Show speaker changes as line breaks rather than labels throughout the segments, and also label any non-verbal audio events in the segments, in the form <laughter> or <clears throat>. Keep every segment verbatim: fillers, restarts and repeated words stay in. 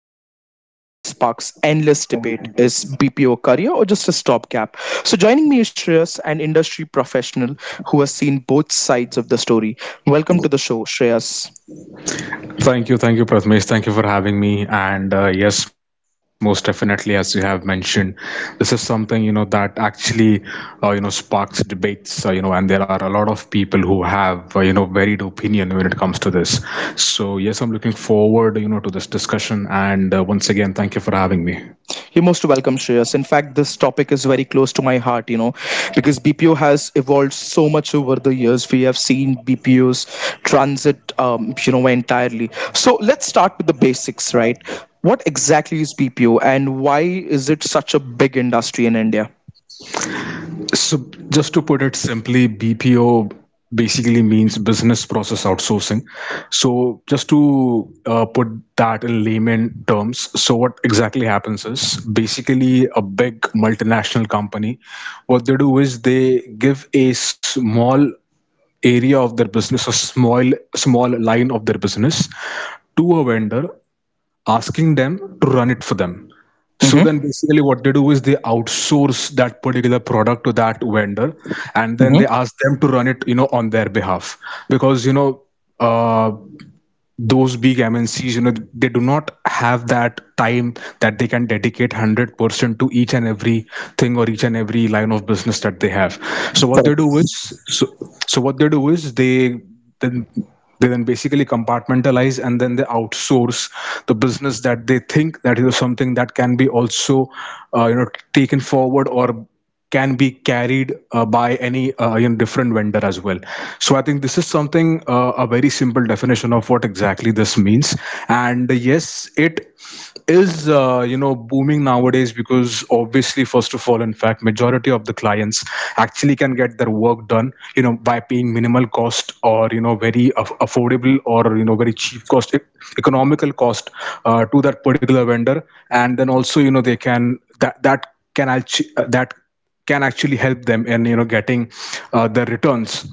A question that sparks endless debate. Is B P O career or just a stopgap? So joining me is Shreyas, an industry professional who has seen both sides of the story. Welcome to the show, Shreyas.
Thank you, thank you, Prathamesh. Thank you for having me. And uh, yes, most definitely, as you have mentioned, this is something you know that actually uh, you know sparks debates. Uh, you know, and there are a lot of people who have uh, you know varied opinion when it comes to this. So yes, I'm looking forward you know to this discussion. And uh, once again, thank you for having me.
You're most welcome, Shreyas. In fact, this topic is very close to my heart, you know, because B P O has evolved so much over the years. We have seen B P Os transit, um, you know, entirely. So let's start with the basics, right? What exactly is B P O and why is it such a big industry in India?
So just to put it simply, B P O basically means business process outsourcing. So just to uh, put that in layman terms, so what exactly happens is basically a big multinational company, what they do is they give a small area of their business, a small small line of their business to a vendor, asking them to run it for them. So then
Hmm.
basically what they do is they outsource that particular product to that vendor, and then
Hmm.
they ask them to run it, you know, on their behalf. Because, you know, uh, those big M N Cs, you know, they do not have that time that they can dedicate one hundred percent to each and every thing, or each and every line of business that they have. So what they
Correct.
do is, so, so what they do is they then they then basically compartmentalize, and then they outsource the business that they think that is something that can be also uh, you know taken forward, or can be carried uh, by any uh, you know, different vendor as well. So I think this is something, uh, a very simple definition of what exactly this means. And yes, it is uh, you know booming nowadays, because obviously, first of all, in fact, majority of the clients actually can get their work done, you know by paying minimal cost, or you know very aff- affordable, or you know very cheap cost, e- economical cost, uh, to that particular vendor. And then also, you know they can that that can actually that can actually help them in you know getting uh, the returns,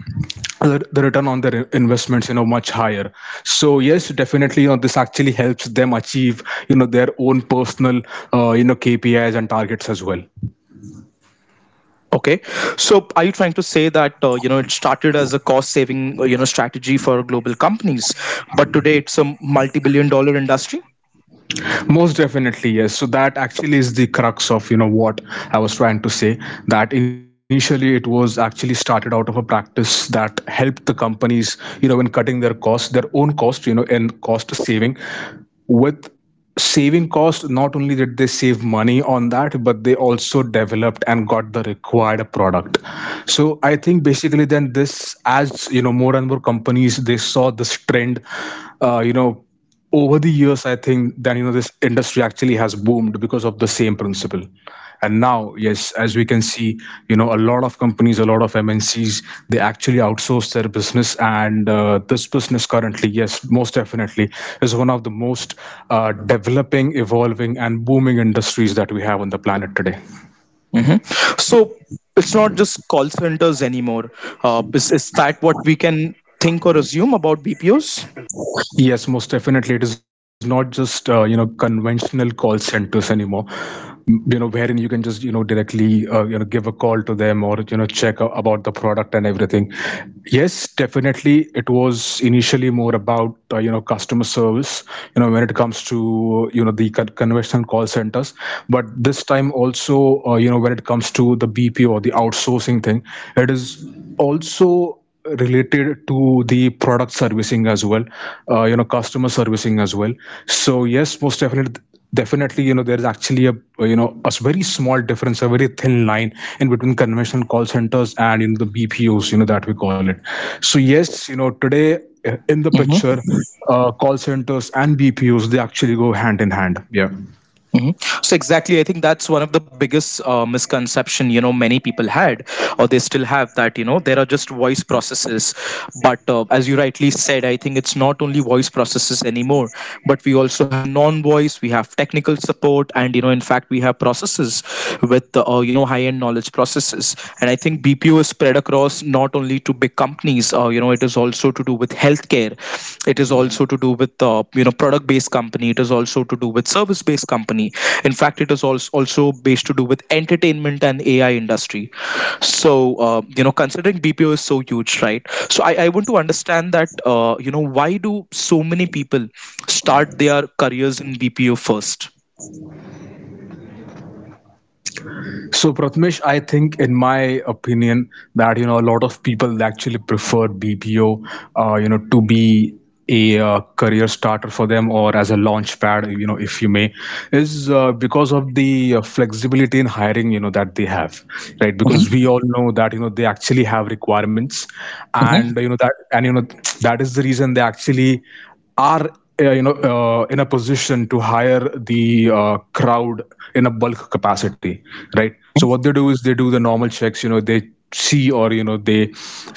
the the return on their investments, you know much higher. So yes, definitely, you know, this actually helps them achieve you know their own personal, uh, you know K P Is and targets as well.
Okay, so are you trying to say that uh, you know it started as a cost-saving uh, you know strategy for global companies, but today it's a multi-billion dollar industry?
Most definitely, yes. So that actually is the crux of you know what I was trying to say, that initially it was actually started out of a practice that helped the companies, you know in cutting their costs, their own cost, you know in cost saving. With saving cost, not only did they save money on that, but they also developed and got the required product. So I think basically then, this, as you know more and more companies, they saw this trend, uh, you know over the years, I think then, you know this industry actually has boomed because of the same principle. And now, yes, as we can see, you know a lot of companies, a lot of M N Cs, they actually outsource their business, and uh, this business currently, yes, most definitely, is one of the most uh, developing, evolving and booming industries that we have on the planet today.
Hmm. So it's not just call centers anymore. Uh, is, is that what we can think or assume about B P Os?
Yes, most definitely. It is not just uh, you know conventional call centers anymore. M- You know, wherein you can just you know directly uh, you know give a call to them, or you know check a- about the product and everything. Yes, definitely. It was initially more about uh, you know customer service. You know, when it comes to you know the con- conventional call centers, but this time also, uh, you know when it comes to the B P O, the outsourcing thing, it is also related to the product servicing as well, uh, you know customer servicing as well. So yes, most definitely definitely you know there is actually a, you know a very small difference, a very thin line, in between conventional call centers and, you know the B P Os, you know that we call it. So yes, you know today, uh, in the picture, uh, call centers and B P Os, they actually go hand in hand, yeah.
Mhm. So exactly, I think that's one of the biggest uh, misconception you know many people had, or they still have that you know there are just voice processes, but uh, as you rightly said, I think it's not only voice processes anymore, but we also have non-voice, we have technical support, and you know in fact we have processes with uh, you know high-end knowledge processes, and I think B P O is spread across not only to big companies. Uh, you know it is also to do with healthcare. It is also to do with uh, you know product based company. It is also to do with service based company. In fact, it is also also based to do with entertainment and AI industry. So uh, you know considering BPO is so huge, right? So i, I want to understand that uh, you know why do so many people start their careers in BPO first.
So Prathamesh, I think, in my opinion, that you know a lot of people actually prefer B P O, uh, you know, to be a, uh, career starter for them, or as a launch pad, you know, if you may, is uh, because of the uh, flexibility in hiring, you know, that they have, right? Because we all know that, you know they actually have requirements, and
Mhm,
you know that and you know <tsk> that is the reason they actually are, uh, you know uh, in a position to hire the uh, crowd in a bulk capacity, right? So what they do is they do the normal checks. You know they see, or you know they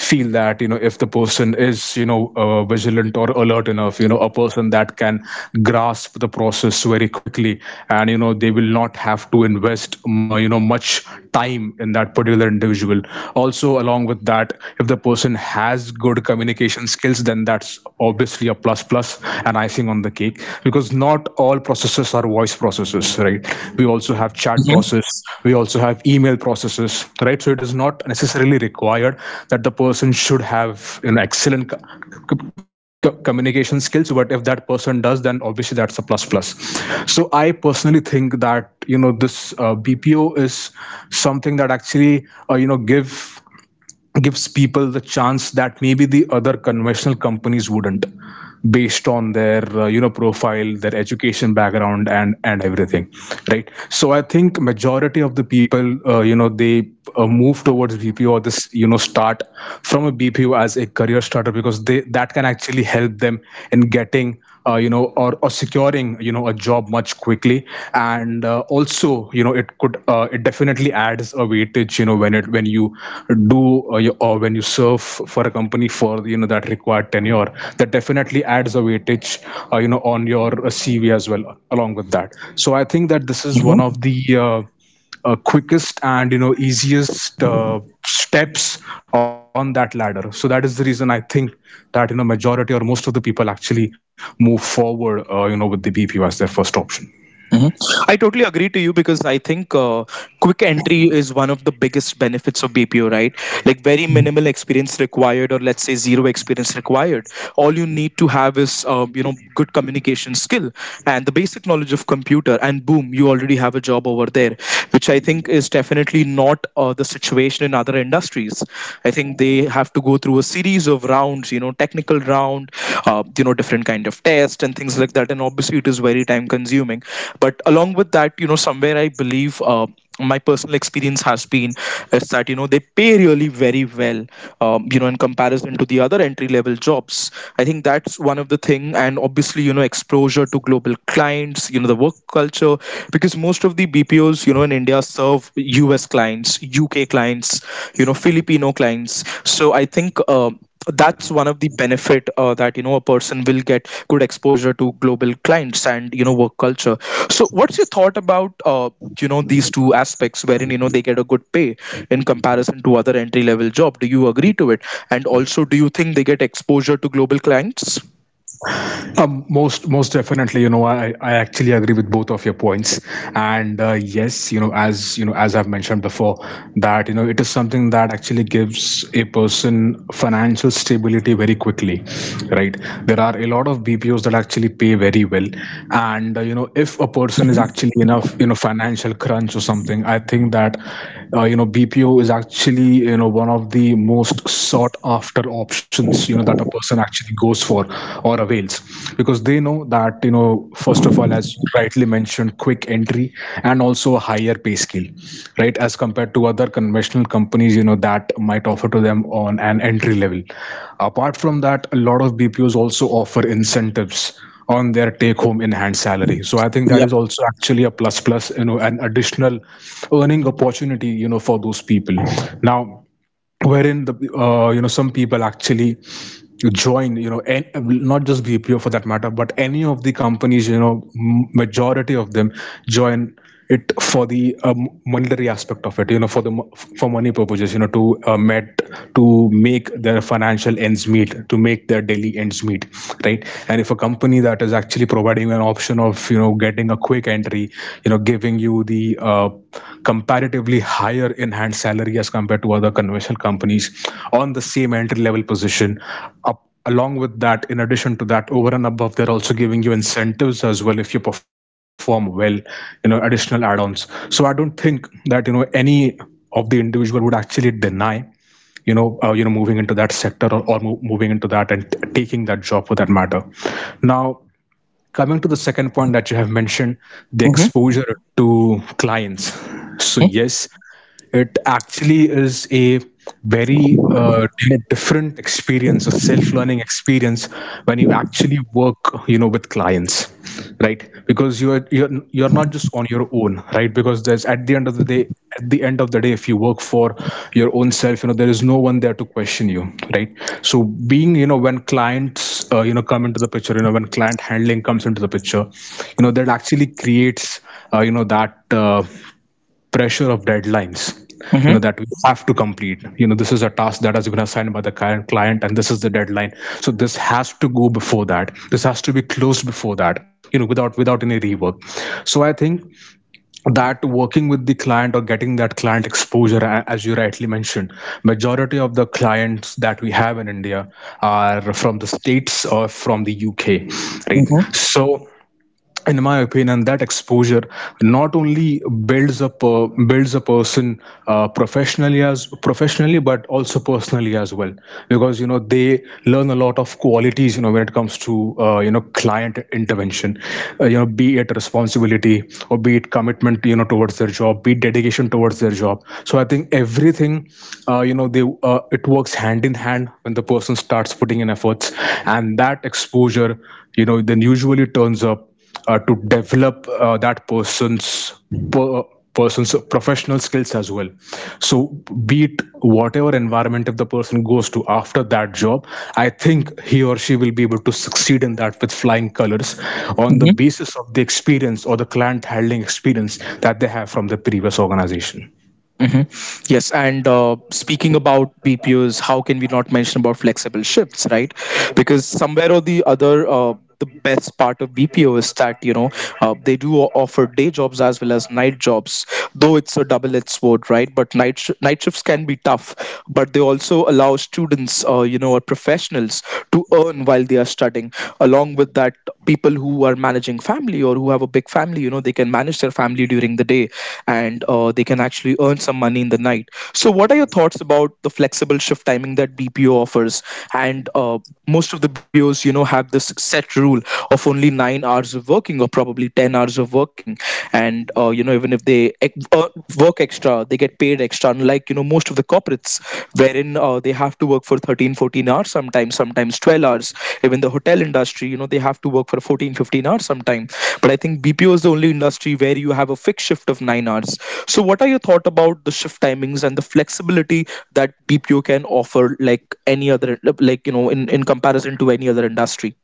feel that, you know if the person is, you know uh, vigilant or alert enough, you know a person that can grasp the process very quickly, and you know they will not have to invest, mu- you know much time in that particular individual. Also, along with that, if the person has good communication skills, then that's obviously a plus plus and icing on the cake, because not all processes are voice processes, right? We also have chat
mhm,
process, we also have email processes, right? So it is not necessarily required that the person should have an excellent co- co- co- communication skills. But if that person does, then obviously that's a plus plus. So I personally think that, you know this, uh, B P O is something that actually, uh, you know give gives people the chance that maybe the other conventional companies wouldn't, based on their, uh, you know profile, their education background, and and everything. Right, so I think majority of the people, uh, you know they, uh, move towards B P O, or this, you know start from a B P O as a career starter, because they, that can actually help them in getting, uh, you know or, or securing, you know a job much quickly. And uh, also, you know it could uh, it definitely adds a weightage, you know when it when you do, uh, you, or when you serve for a company for, you know that required tenure, that definitely adds a weightage, uh, you know on your, uh, C V as well, along with that. So I think that this is
mhm,
one of the, uh, uh, quickest, and you know easiest, uh, steps on that ladder. So that is the reason I think that, you know majority or most of the people actually move forward, uh, you know with the B P as their first option.
mhm. I totally agree to you because I think uh, quick entry is one of the biggest benefits of B P O, right? Like, very minimal experience required, or let's say zero experience required. All you need to have is um, you know good communication skill and the basic knowledge of computer, and boom, you already have a job over there, which I think is definitely not uh, the situation in other industries. I think they have to go through a series of rounds, you know technical round, uh, you know different kind of test and things like that, and obviously it is very time consuming. But along with that, you know somewhere I believe uh, my personal experience has been is that you know they pay really very well um, you know in comparison to the other entry level jobs. I think that's one of the thing, and obviously you know exposure to global clients, you know the work culture, because most of the BPOs you know in India serve US clients, UK clients, you know Filipino clients. So I think um, that's one of the benefit, uh, that you know a person will get good exposure to global clients and you know work culture. So what's your thought about uh, you know these two aspects, wherein you know they get a good pay in comparison to other entry level job? Do you agree to it? And also, do you think they get exposure to global clients?
Um, most most definitely, you know, I, I actually agree with both of your points, and uh, yes, you know, as you know, as I've mentioned before, that, you know, it is something that actually gives a person financial stability very quickly, right? There are a lot of B P Os that actually pay very well, and uh, you know, if a person is actually in a, you know, financial crunch, or something something I think that uh, you know B P O is actually, you know one of the most sought after options, you know that a person actually goes for, or avails. Because they know that, you know first of all, as you rightly mentioned, quick entry, and also a higher pay scale, right, as compared to other conventional companies, you know that might offer to them on an entry level. Apart from that, a lot of B P Os also offer incentives on their take home in hand salary. So I think that
Yep.
is also actually a plus plus, you know, an additional earning opportunity, you know, for those people. Now, wherein the uh, you know some people actually join, you know, and not just bpo for that matter, but any of the companies, you know, m- majority of them join it for the um, monetary aspect of it, you know, for the mo- for money purposes, you know, to uh, met to make their financial ends meet, to make their daily ends meet, right? And if a company that is actually providing an option of, you know, getting a quick entry, you know, giving you the uh, comparatively higher enhanced salary as compared to other conventional companies on the same entry level position up, along with that, in addition to that, over and above, they're also giving you incentives as well if you perform well, you know, additional add-ons, so I don't think that, you know, any of the individual would actually deny, you know uh, you know moving into that sector, or, or mo- moving into that and t- taking that job for that matter. Now, coming to the second point that you have mentioned, the
Mm-hmm.
exposure to clients, so yes, it actually is a very uh, different experience, a self-learning experience when you actually work, you know, with clients, right? Because you're you're you're not just on your own, right? Because there's at the end of the day, at the end of the day, if you work for your own self, you know, there is no one there to question you, right? So being, you know, when clients, uh, you know come into the picture, you know, when client handling comes into the picture, you know, that actually creates uh, you know that uh, pressure of deadlines,
Mm-hmm.
you know, that we have to complete. You know, this is a task that has been assigned by the cli- client, and this is the deadline, so this has to go before that, this has to be closed before that, you know, without without any rework. So I think that working with the client or getting that client exposure, a- as you rightly mentioned, majority of the clients that we have in India are from the States or from the UK,
Mm-hmm.
right? So in my opinion, that exposure not only builds up a, builds a person uh, professionally as professionally, but also personally as well, because, you know, they learn a lot of qualities, you know, when it comes to uh, you know client intervention, uh, you know be it responsibility or be it commitment, you know, towards their job, be it dedication towards their job. So I think everything, uh, you know they uh, it works hand in hand when the person starts putting in efforts, and that exposure, you know, then usually turns up uh, to develop uh, that person's per- uh, person's professional skills as well. So be it whatever environment, if the person goes to after that job, I think he or she will be able to succeed in that with flying colors on the basis of the experience or the client handling experience that they have from the previous organization.
Mhm. Yes, and uh, speaking about B P Os, how can we not mention about flexible shifts, right? Because somewhere or the other, uh, the best part of B P O is that you know uh, they do o- offer day jobs as well as night jobs, though it's a double-edged sword, right? But night sh- night shifts can be tough, but they also allow students, uh, you know, or professionals to earn while they are studying. Along with that, people people who are managing family or who have a big family, you know they can manage their family during the day, and uh, they can actually earn some money in the night. So what are your thoughts about the flexible shift timing that BPO offers? And uh, most of the BPOs you know have this set rule of only nine hours of working, or probably ten hours of working, and uh, you know even if they ex- uh, work extra, they get paid extra, unlike you know most of the corporates, wherein uh, they have to work for thirteen, fourteen hours, sometimes sometimes twelve hours. Even the hotel industry, you know they have to work for fourteen, fifteen hours sometime, but I think BPO is the only industry where you have a fixed shift of nine hours. So what are your thought about the shift timings and the flexibility that BPO can offer, like any other, like you know in, in comparison to any other industry?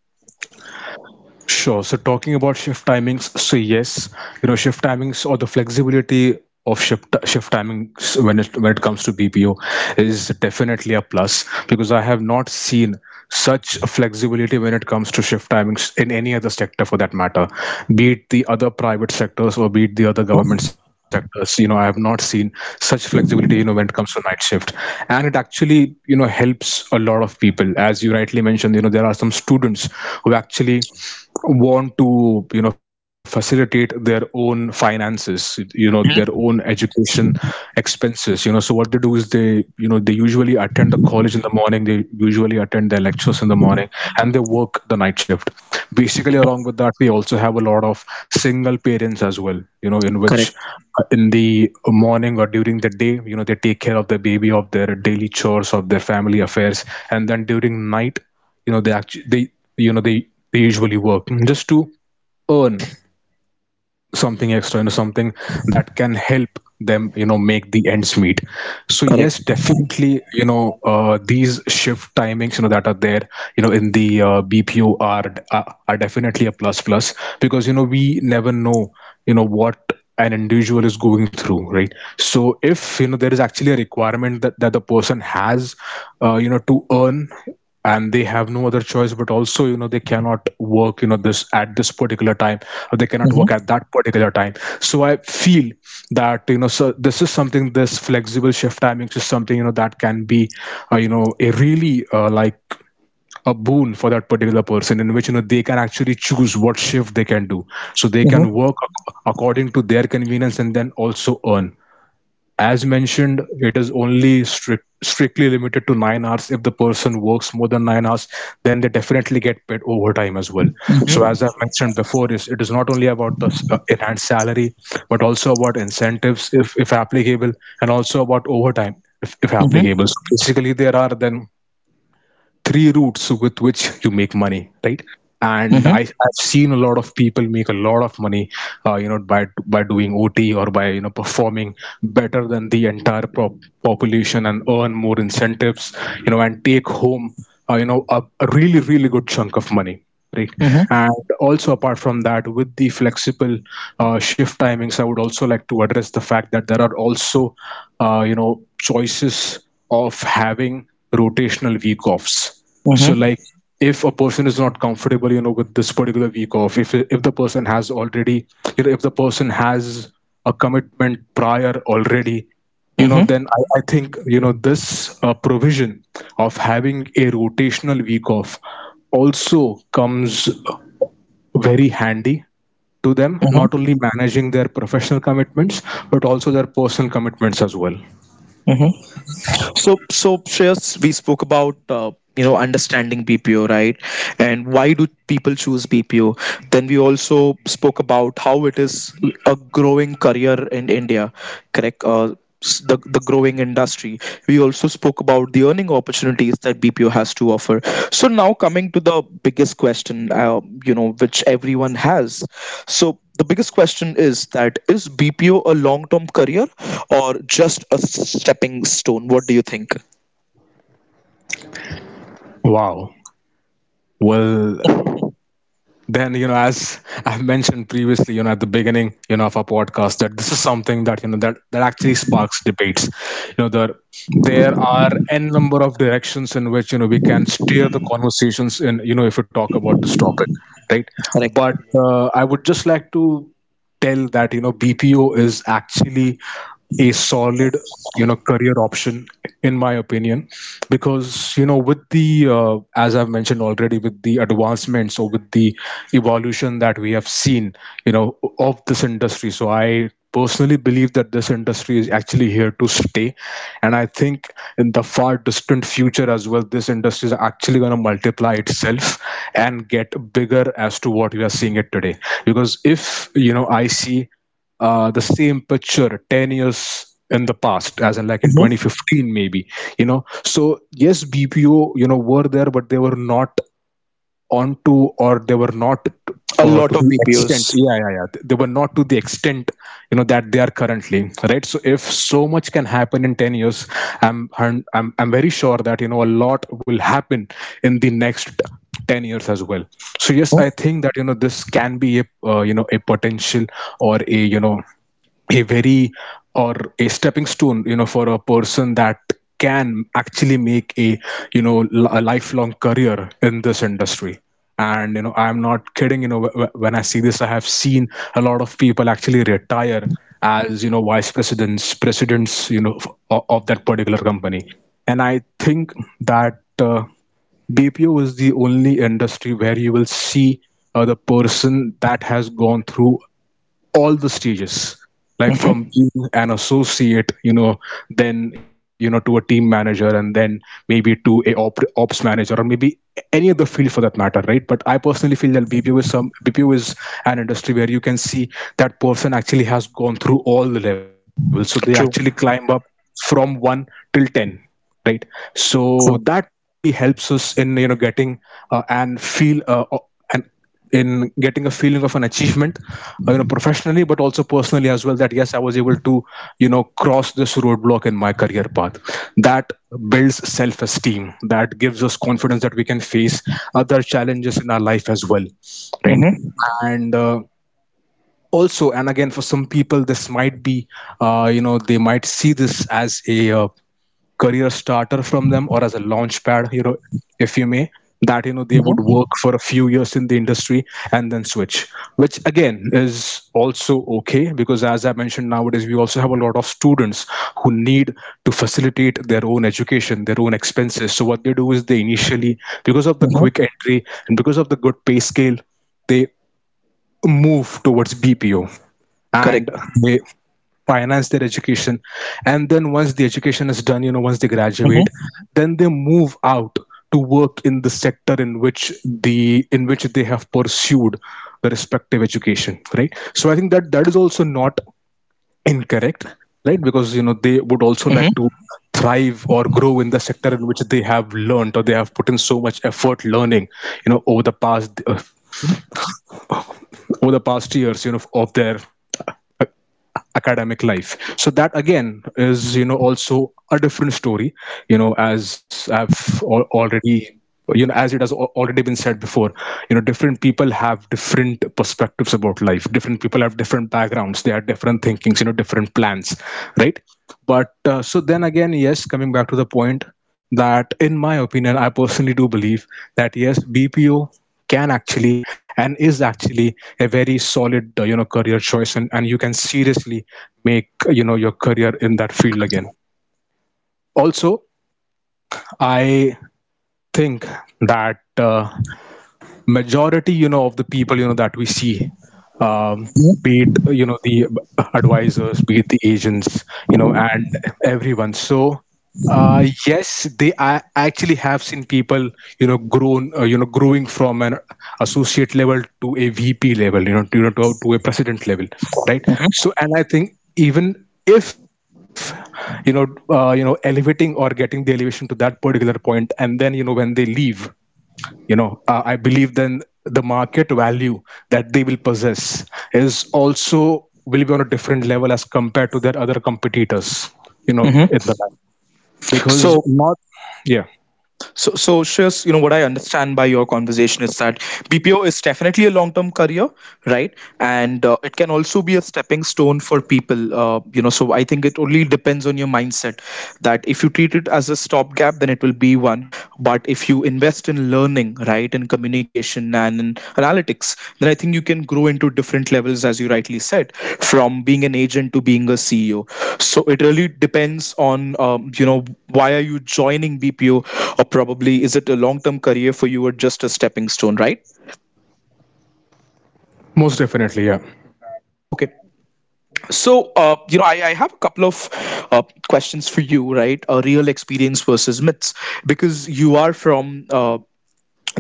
Sure. So talking about shift timings, so yes, you know, shift timings or the flexibility of shift shift timings when it when it comes to B P O is definitely a plus, because I have not seen such flexibility when it comes to shift timings in any other sector for that matter, be it the other private sectors or be it the other government sectors. You know, I have not seen such flexibility, you know, when it comes to night shift. And it actually, you know, helps a lot of people. As you rightly mentioned, you know, there are some students who actually want to, you know, facilitate their own finances, you know, their
Mhm,
own education expenses, you know. So what they do is they, you know, they usually attend the college in the morning, they usually attend their lectures in the morning, and they work the night shift
mhm.
basically. Along with that, we also have a lot of single parents as well, you know, in
Correct.
which uh, in the morning or during the day, you know, they take care of the baby, of their daily chores, of their family affairs, and then during night, you know, they actually they you know they they usually work just to earn some something extra, you know, something that can help them, you know, make the ends meet. So
Correct.
yes, definitely, you know, uh, these shift timings, you know, that are there, you know, in the uh, bpo are, are are definitely a plus plus, because, you know, we never know, you know, what an individual is going through, right? So if, you know, there is actually a requirement that, that the person has uh, you know, to earn, and they have no other choice, but also, you know, they cannot work, you know, this at this particular time or they cannot
Mhm,
work at that particular time. So I feel that, you know, so this is something, this flexible shift timings is something, you know, that can be uh, you know a really uh, like a boon for that particular person, in which, you know, they can actually choose what shift they can do, so they
mhm,
can work ac- according to their convenience and then also earn. As mentioned, it is only strict, strictly limited to nine hours. If the person works more than nine hours, then they definitely get paid overtime as well.
mhm,
So, as I mentioned before, is it is not only about the s- uh, enhanced salary, but also about incentives if, if applicable, and also about overtime if, if
mhm,
applicable. So basically, there are then three routes with which you make money, right?
mhm,
And I, I've seen a lot of people make a lot of money, uh, you know, by by doing O T or by, you know, performing better than the entire pop- population and earn more incentives, you know, and take home, uh, you know, a, a really really good chunk of money, right?
mhm,
And also, apart from that, with the flexible uh, shift timings, I would also like to address the fact that there are also, uh, you know, choices of having rotational week offs.
mhm,
So
mhm,
like, if a person is not comfortable, you know, with this particular week off, if if the person has already, you know, if the person has a commitment prior already, you
mhm,
know, then I, I think, you know, this uh, provision of having a rotational week off also comes very handy to them, not
mhm,
only managing their professional commitments, but also their personal commitments as well.
mhm. So, so, Shreyas, we spoke about uh, you know understanding B P O, right? And why do people choose B P O? Then we also spoke about how it is a growing career in India, correct? Uh, s- the the growing industry. We also spoke about the earning opportunities that B P O has to offer. So now coming to the biggest question, uh, you know, which everyone has. So the biggest question is that, is B P O a long-term career or just a stepping stone? What do you think?
Wow. Well, then, you know, as I've mentioned previously, you know, at the beginning, you know, of our podcast, that this is something that, you know, that that actually sparks debates. You know, there there are n number of directions in which, you know, we can steer the conversations in, you know, if we talk about this topic, right?
Correct.
But uh, I would just like to tell that, you know, bpo is actually a solid, you know, career option, in my opinion, because, you know, with the uh, as I've mentioned already, with the advancements or with the evolution that we have seen, you know, of this industry, so I personally believe that this industry is actually here to stay. And I think in the far distant future as well, this industry is actually going to multiply itself and get bigger as to what we are seeing it today. Because if, you know, I see uh, the same picture ten years in the past, as in like in
Mhm.
twenty fifteen maybe, you know. So yes, bpo, you know, were there, but they were not onto, or they were not
A
uh,
lot
to
of
the
B P Os.
extent, yeah, yeah, yeah, they were not to the extent, you know, that they are currently, right? So if so much can happen in ten years, i'm hun- i'm, I'm very sure that, you know, a lot will happen in the next ten years as well. So yes, I think that, you know, this can be a, uh, you know, a potential or a, you know, a very, or a stepping stone, you know, for a person that can actually make a, you know li- a lifelong career in this industry. And, you know, I'm not kidding, you know, wh- wh- when I see this, I have seen a lot of people actually retire as, you know, vice presidents, presidents, you know, f- o- of that particular company. And I think that uh, B P O is the only industry where you will see uh, the person that has gone through all the stages, like
Mhm.
from being an associate, you know, then, you know, to a team manager, and then maybe to a op- ops manager, or maybe any other field for that matter, right? But I personally feel that bpo is some bpo is an industry where you can see that person actually has gone through all the levels, so they actually
True.
climb up from one till ten, right? So
True.
that not only helps us in, you know, getting uh, and feel uh, o- an in getting a feeling of an achievement, uh, you know, professionally, but also personally as well, that yes, I was able to, you know, cross this roadblock in my career path, that builds self esteem, that gives us confidence that we can face other challenges in our life as well, right?
Mhm.
And uh, also, and again, for some people this might be, uh, you know they might see this as a, uh, career starter from them or as a launch pad, you know, if you may, that, you know, they would work for a few years in the industry and then switch, which again is also okay, because as I mentioned, nowadays we also have a lot of students who need to facilitate their own education, their own expenses. So what they do is they initially, because of the quick entry and because of the good pay scale, they move towards bpo, and they finance their education. And then once the education is done, you know, once they graduate, then they move out to work in the sector in which the in which they have pursued the respective Education, right? So I think that that is also not incorrect, right? Because you know they would also like to thrive or grow in the sector in which they have learned or they have put in so much effort learning you know over the past uh, over the past years, you know, of their academic life. So that again is, you know, also a different story. you know as i've al- already you know, as it has al- already been said before, you know, different people have different perspectives about life, different people have different backgrounds, they have different thinkings, you know, different plans, right? But uh, so then again, yes, coming back to the point that, in my opinion, I personally do believe that yes, B P O can actually and is actually a very solid uh, you know, career choice, and, and you can seriously make, you know, your career in that field. Again, also, I think that uh, majority, you know, of the people, you know, that we see, um, be it, you know, the advisors, be it the agents, you know, and everyone. So uh, yes, they I actually have seen people, you know, grown uh, you know, growing from an associate level to a V P level, you know, to, you know to, to a president level, right?
Mhm.
So and I think even if, you know, uh, you know, elevating or getting the elevation to that particular point, and then you know when they leave, you know uh, I believe then the market value that they will possess is also will be on a different level as compared to their other competitors, you know,
Mhm.
in the, because
So,
not, yeah,
so, so, Shreyas, you know, what I understand by your conversation is that B P O is definitely a long-term career, right, and uh, it can also be a stepping stone for people, uh, you know so I think it only depends on your mindset, that if you treat it as a stopgap, then it will be one, but if you invest in learning, right, in communication and in analytics, then I think you can grow into different levels, as you rightly said, from being an agent to being a CEO. So it really depends on um, you know why are you joining BPO, or probably is it a long term career for you, or just a stepping stone, right?
most definitely, yeah.
Okay. So, uh, you know, I, I have a couple of uh, questions for you, right? A real experience versus myths, because you are from uh,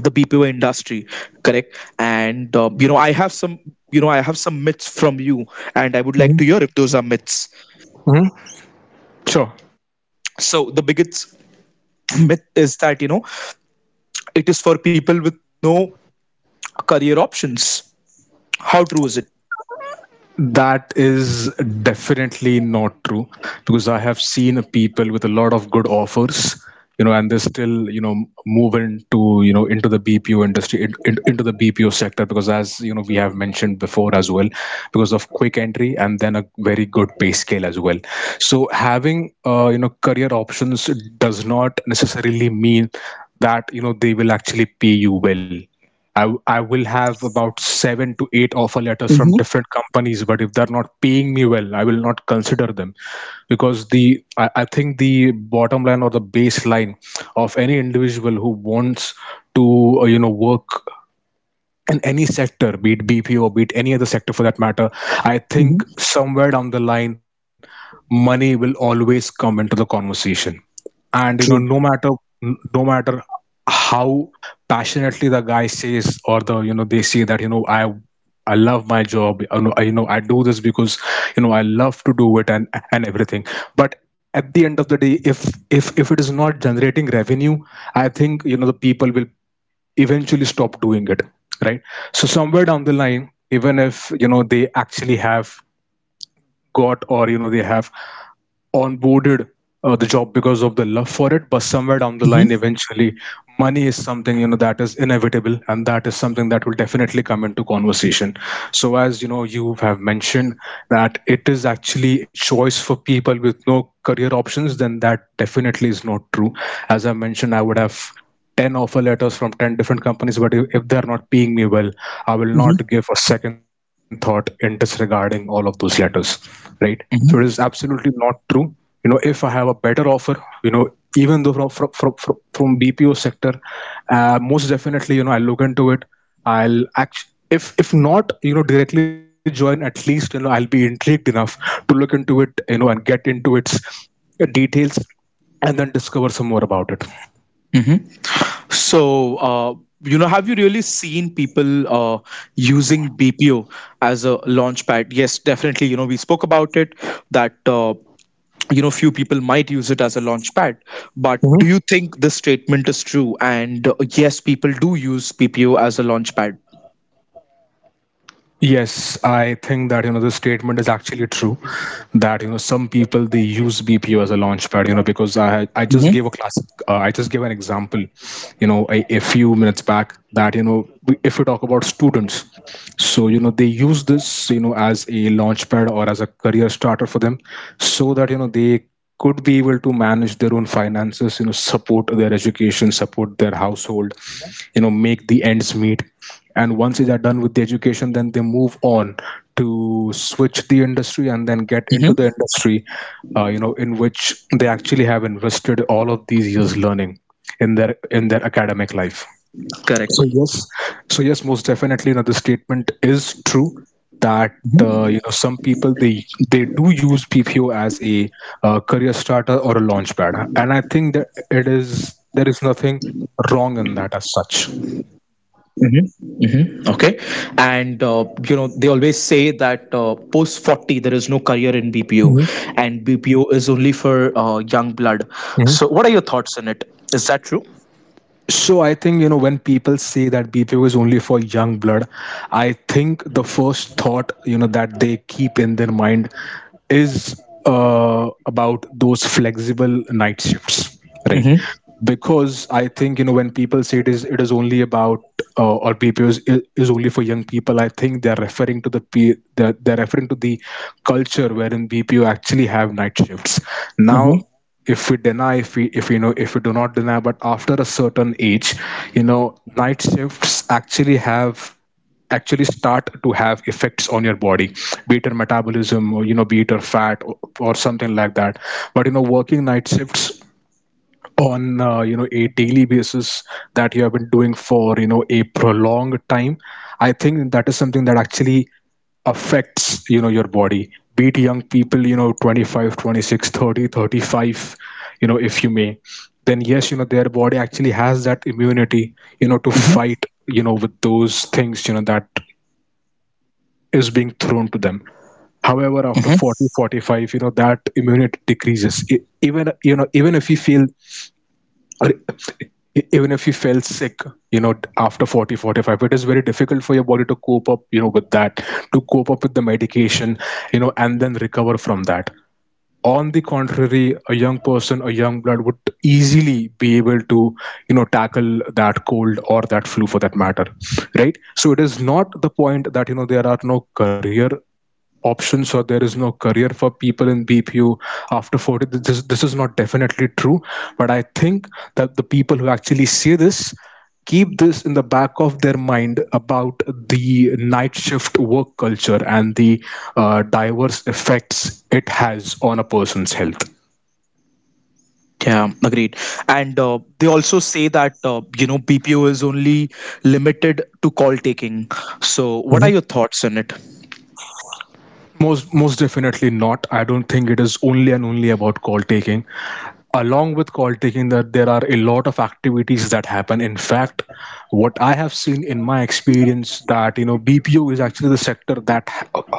the B P O industry, correct? And uh, you know, I have some, you know, I have some myths from you, and I would like
Mhm.
to hear if those are myths.
Mhm. Sure.
So, the biggest <clears throat> myth is that you know it is for people with no career options. How true is it?
That is definitely not true, because I have seen people with a lot of good offers, you know, and they still, you know, move into, you know, into the B P O industry, in, in- into the B P O sector because, as you know, we have mentioned before as well, because of quick entry and then a very good pay scale as well. So having, uh, you know, career options does not necessarily mean that you know they will actually pay you well. I, w- I will have about seven to eight offer letters from
Mm-hmm,
different companies, but if they're not paying me well, I will not consider them. Because the I, I think the bottom line or the baseline of any individual who wants to uh, you know, work in any sector, be it B P O, be it any other sector for that matter, I
mm-hmm,
think somewhere down the line, money will always come into the conversation. And you know,
true.
no matter, no matter how passionately the guy says, or, the you know, they say that, you know, i i love my job, you know, i, you know, I do this because, you know, I love to do it, and and everything. But at the end of the day, if if if it is not generating revenue, I think, you know, the people will eventually stop doing it, right? So somewhere down the line, even if, you know, they actually have got, or you know, they have onboarded uh, the job because of the love for it, but somewhere down the line
Mm-hmm,
eventually money is something, you know, that is inevitable, and that is something that will definitely come into conversation. So as you know, you have mentioned that it is actually a choice for people with no career options, then that definitely is not true. As I mentioned, I would have ten offer letters from ten different companies, but if if they're not paying me well, I will not give a second thought in disregarding all of those letters, right? So it is
mm-hmm.
absolutely not true. You know, if I have a better offer, you know, even though from from from, from from BPO sector, uh, most definitely, you know, I'll look into it, I'll act. If if not, you know, directly join, at least, you know, I'll be intrigued enough to look into it, you know, and get into its uh, details, and then discover some more about it.
Hmm. So, uh, you know, have you really seen people uh, using B P O as a launch pad? Yes, definitely. You know, we spoke about it that, uh, you know, few people might use it as a launch pad. But do you think this statement is true? And uh, yes, people do use B P O as a launch pad.
Yes, I think that, you know, the statement is actually true, that you know some people they use B P O as a launch pad, you know, because I had- I just
Hmm.
gave a classic, uh, I just gave an example, you know, a, a few minutes back, that you know we- if we talk about students, so you know they use this, you know, as a launch pad or as a career starter for them, so that you know they could be able to manage their own finances, you know, support their education, support their household, you know, make the ends meet. And once they are done with the education, then they move on to switch the industry and then get into the
Hmm.
industry, uh, you know, in which they actually have invested all of these years learning in their in their academic life.
Correct.
So yes, so yes, most definitely, you know, the statement is true, that uh, you know, some people, they they do use P P O as a uh, career starter or a launch pad. And I think that it is there is nothing wrong in that as such.
Mm-hmm. Mm-hmm. Okay. And uh, you know they always say that uh, post forty there is no career in B P O, and
Mhm,
B P O is only for uh, young blood. So what are your
mhm.
thoughts on it? Is that true?
So I think you know when people say that B P O is only for young blood, I think the first thought, you know, that they keep in their mind is uh, about those flexible night shifts, right?
Mm-hmm.
Because I think you know when people say it is it is only about, uh, or B P O is, is only for young people, I think they're referring to the pe- they're, they're referring to the culture wherein B P O actually have night shifts
Mm-hmm.
now. If we deny, if we, if you know, if we do not deny, but after a certain age, you know, night shifts actually have actually start to have effects on your body, be it your metabolism, or you know, be it your fat, or, or something like that. But you know, working night shifts on, uh, you know, a daily basis that you have been doing for, you know, a prolonged time, I think that is something that actually affects, you know, your body, be it young people, you know, twenty five, twenty six, thirty, thirty five, you know, if you may, then yes, you know, their body actually has that immunity,
Mm-hmm.
you know, to fight, you know, with those things, you know, that is being thrown to them. However,
Mm-hmm.
after forty forty five, you know, that immunity decreases. E- even, you know, even if we feel, or e- even if you felt sick, you know, after forty, forty-five, it is very difficult for your body to cope up, you know, with that, to cope up with the medication, you know, and then recover from that. On the contrary, a young person, a young blood would easily be able to, you know, tackle that cold or that flu for that matter, right? So it is not the point that you know there are no career options or there is no career for people in B P O after forty. This, this is not definitely true, but I think that the people who actually say this keep this in the back of their mind about the night shift work culture and the uh, diverse effects it has on a person's health.
Yeah, agreed. And uh, they also say that uh, you know B P O is only limited to call taking. So what are
Mhm.
your thoughts on it?
Most most definitely not. I don't think it is only and only about call taking. Along with call taking, that there are a lot of activities that happen. In fact, what I have seen in my experience, that you know BPO is actually the sector that ha-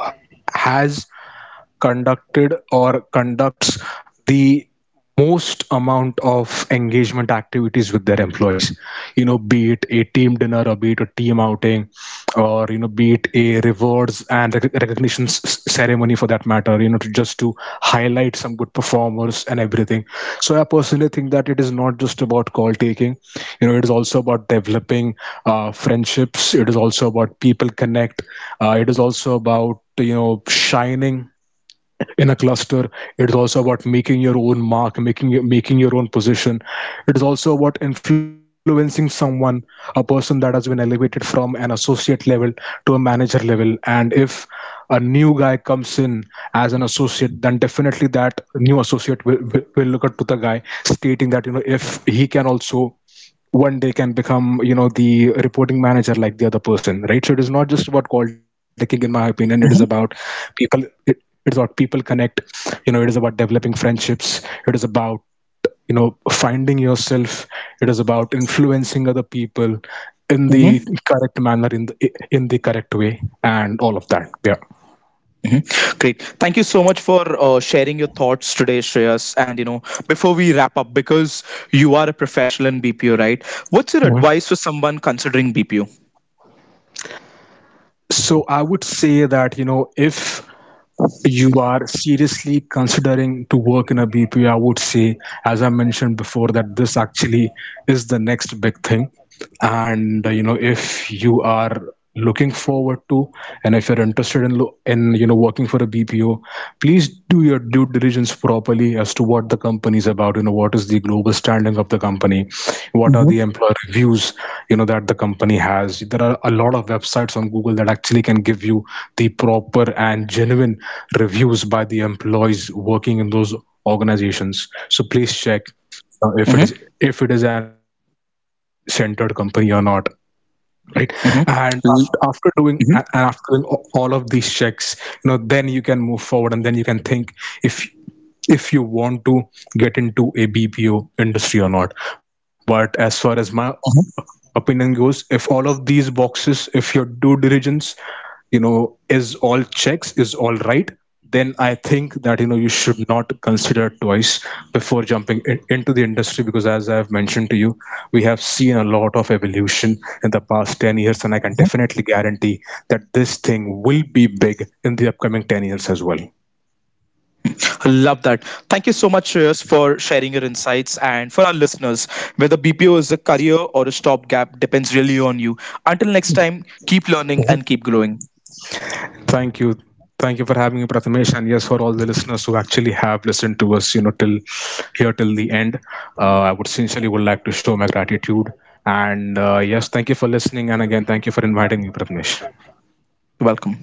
has conducted or conducts the most amount of engagement activities with their employees, you know, be it a team dinner, or be it a team outing, or you know, be it a rewards and rec- recognition s- ceremony, for that matter, you know, to just to highlight some good performers and everything. So I personally think that it is not just about call taking, you know, it is also about developing uh, friendships, it is also about people connect, uh, it is also about, you know, shining in a cluster, it is also about making your own mark, making your making your own position, it is also about influencing someone. A person that has been elevated from an associate level to a manager level, and if a new guy comes in as an associate, then definitely that new associate will, will, will look at to the guy stating that you know if he can also one day can become, you know, the reporting manager like the other person, right? So it is not just about call taking, in my opinion. It is about
Mhm,
people, it, it's about people connect, you know, it is about developing friendships, it is about, you know, finding yourself, it is about influencing other people in the
mhm,
correct manner, in the in the correct way, and all of that, yeah.
mhm. Great. Thank you so much for uh, sharing your thoughts today, Shreyas. And you know, before we wrap up, because you are a professional in B P O, right? What's your
Mhm.
advice for someone considering B P O?
So I would say that you know if you are seriously considering to work in a B P O, I would say, as I mentioned before, that this actually is the next big thing. And uh, you know, if you are looking forward to, and if you're interested in lo- in you know, working for a B P O, please do your due diligence properly as to what the company is about, you know, what is the global standing of the company, what are the
Mhm,
employer reviews, you know, that the company has. There are a lot of websites on Google that actually can give you the proper and genuine reviews by the employees working in those organizations. So please check
mhm,
uh, if it is if it is an, you know, employee centered company or not, right? And
mhm.
after,
L-
after doing a- and
mhm,
after doing a- all of these checks, you know, then you can move forward and then you can think if if you want to get into a B P O industry or not. But as far as
mhm,
my opinion goes, if all of these boxes, if your due diligence, you know, is all checks, is all right, then I think that you know you should not consider twice before jumping in, into the industry, because as I've mentioned to you, we have seen a lot of evolution in the past ten years, and I can
mhm.
definitely guarantee that this thing will be big in the upcoming ten years as well.
I love that. Thank you so much, Shreyas, for sharing your insights. And for our listeners, whether B P O is a career or a stopgap depends really on you. Until next time, keep learning and keep growing.
Thank you. Thank you for having me, Prathamesh, and yes, for all the listeners who actually have listened to us, you know, till here till the end. Uh, I would sincerely would like to show my gratitude, and uh, yes, thank you for listening, and again, thank you for inviting me, Prathamesh.
Welcome.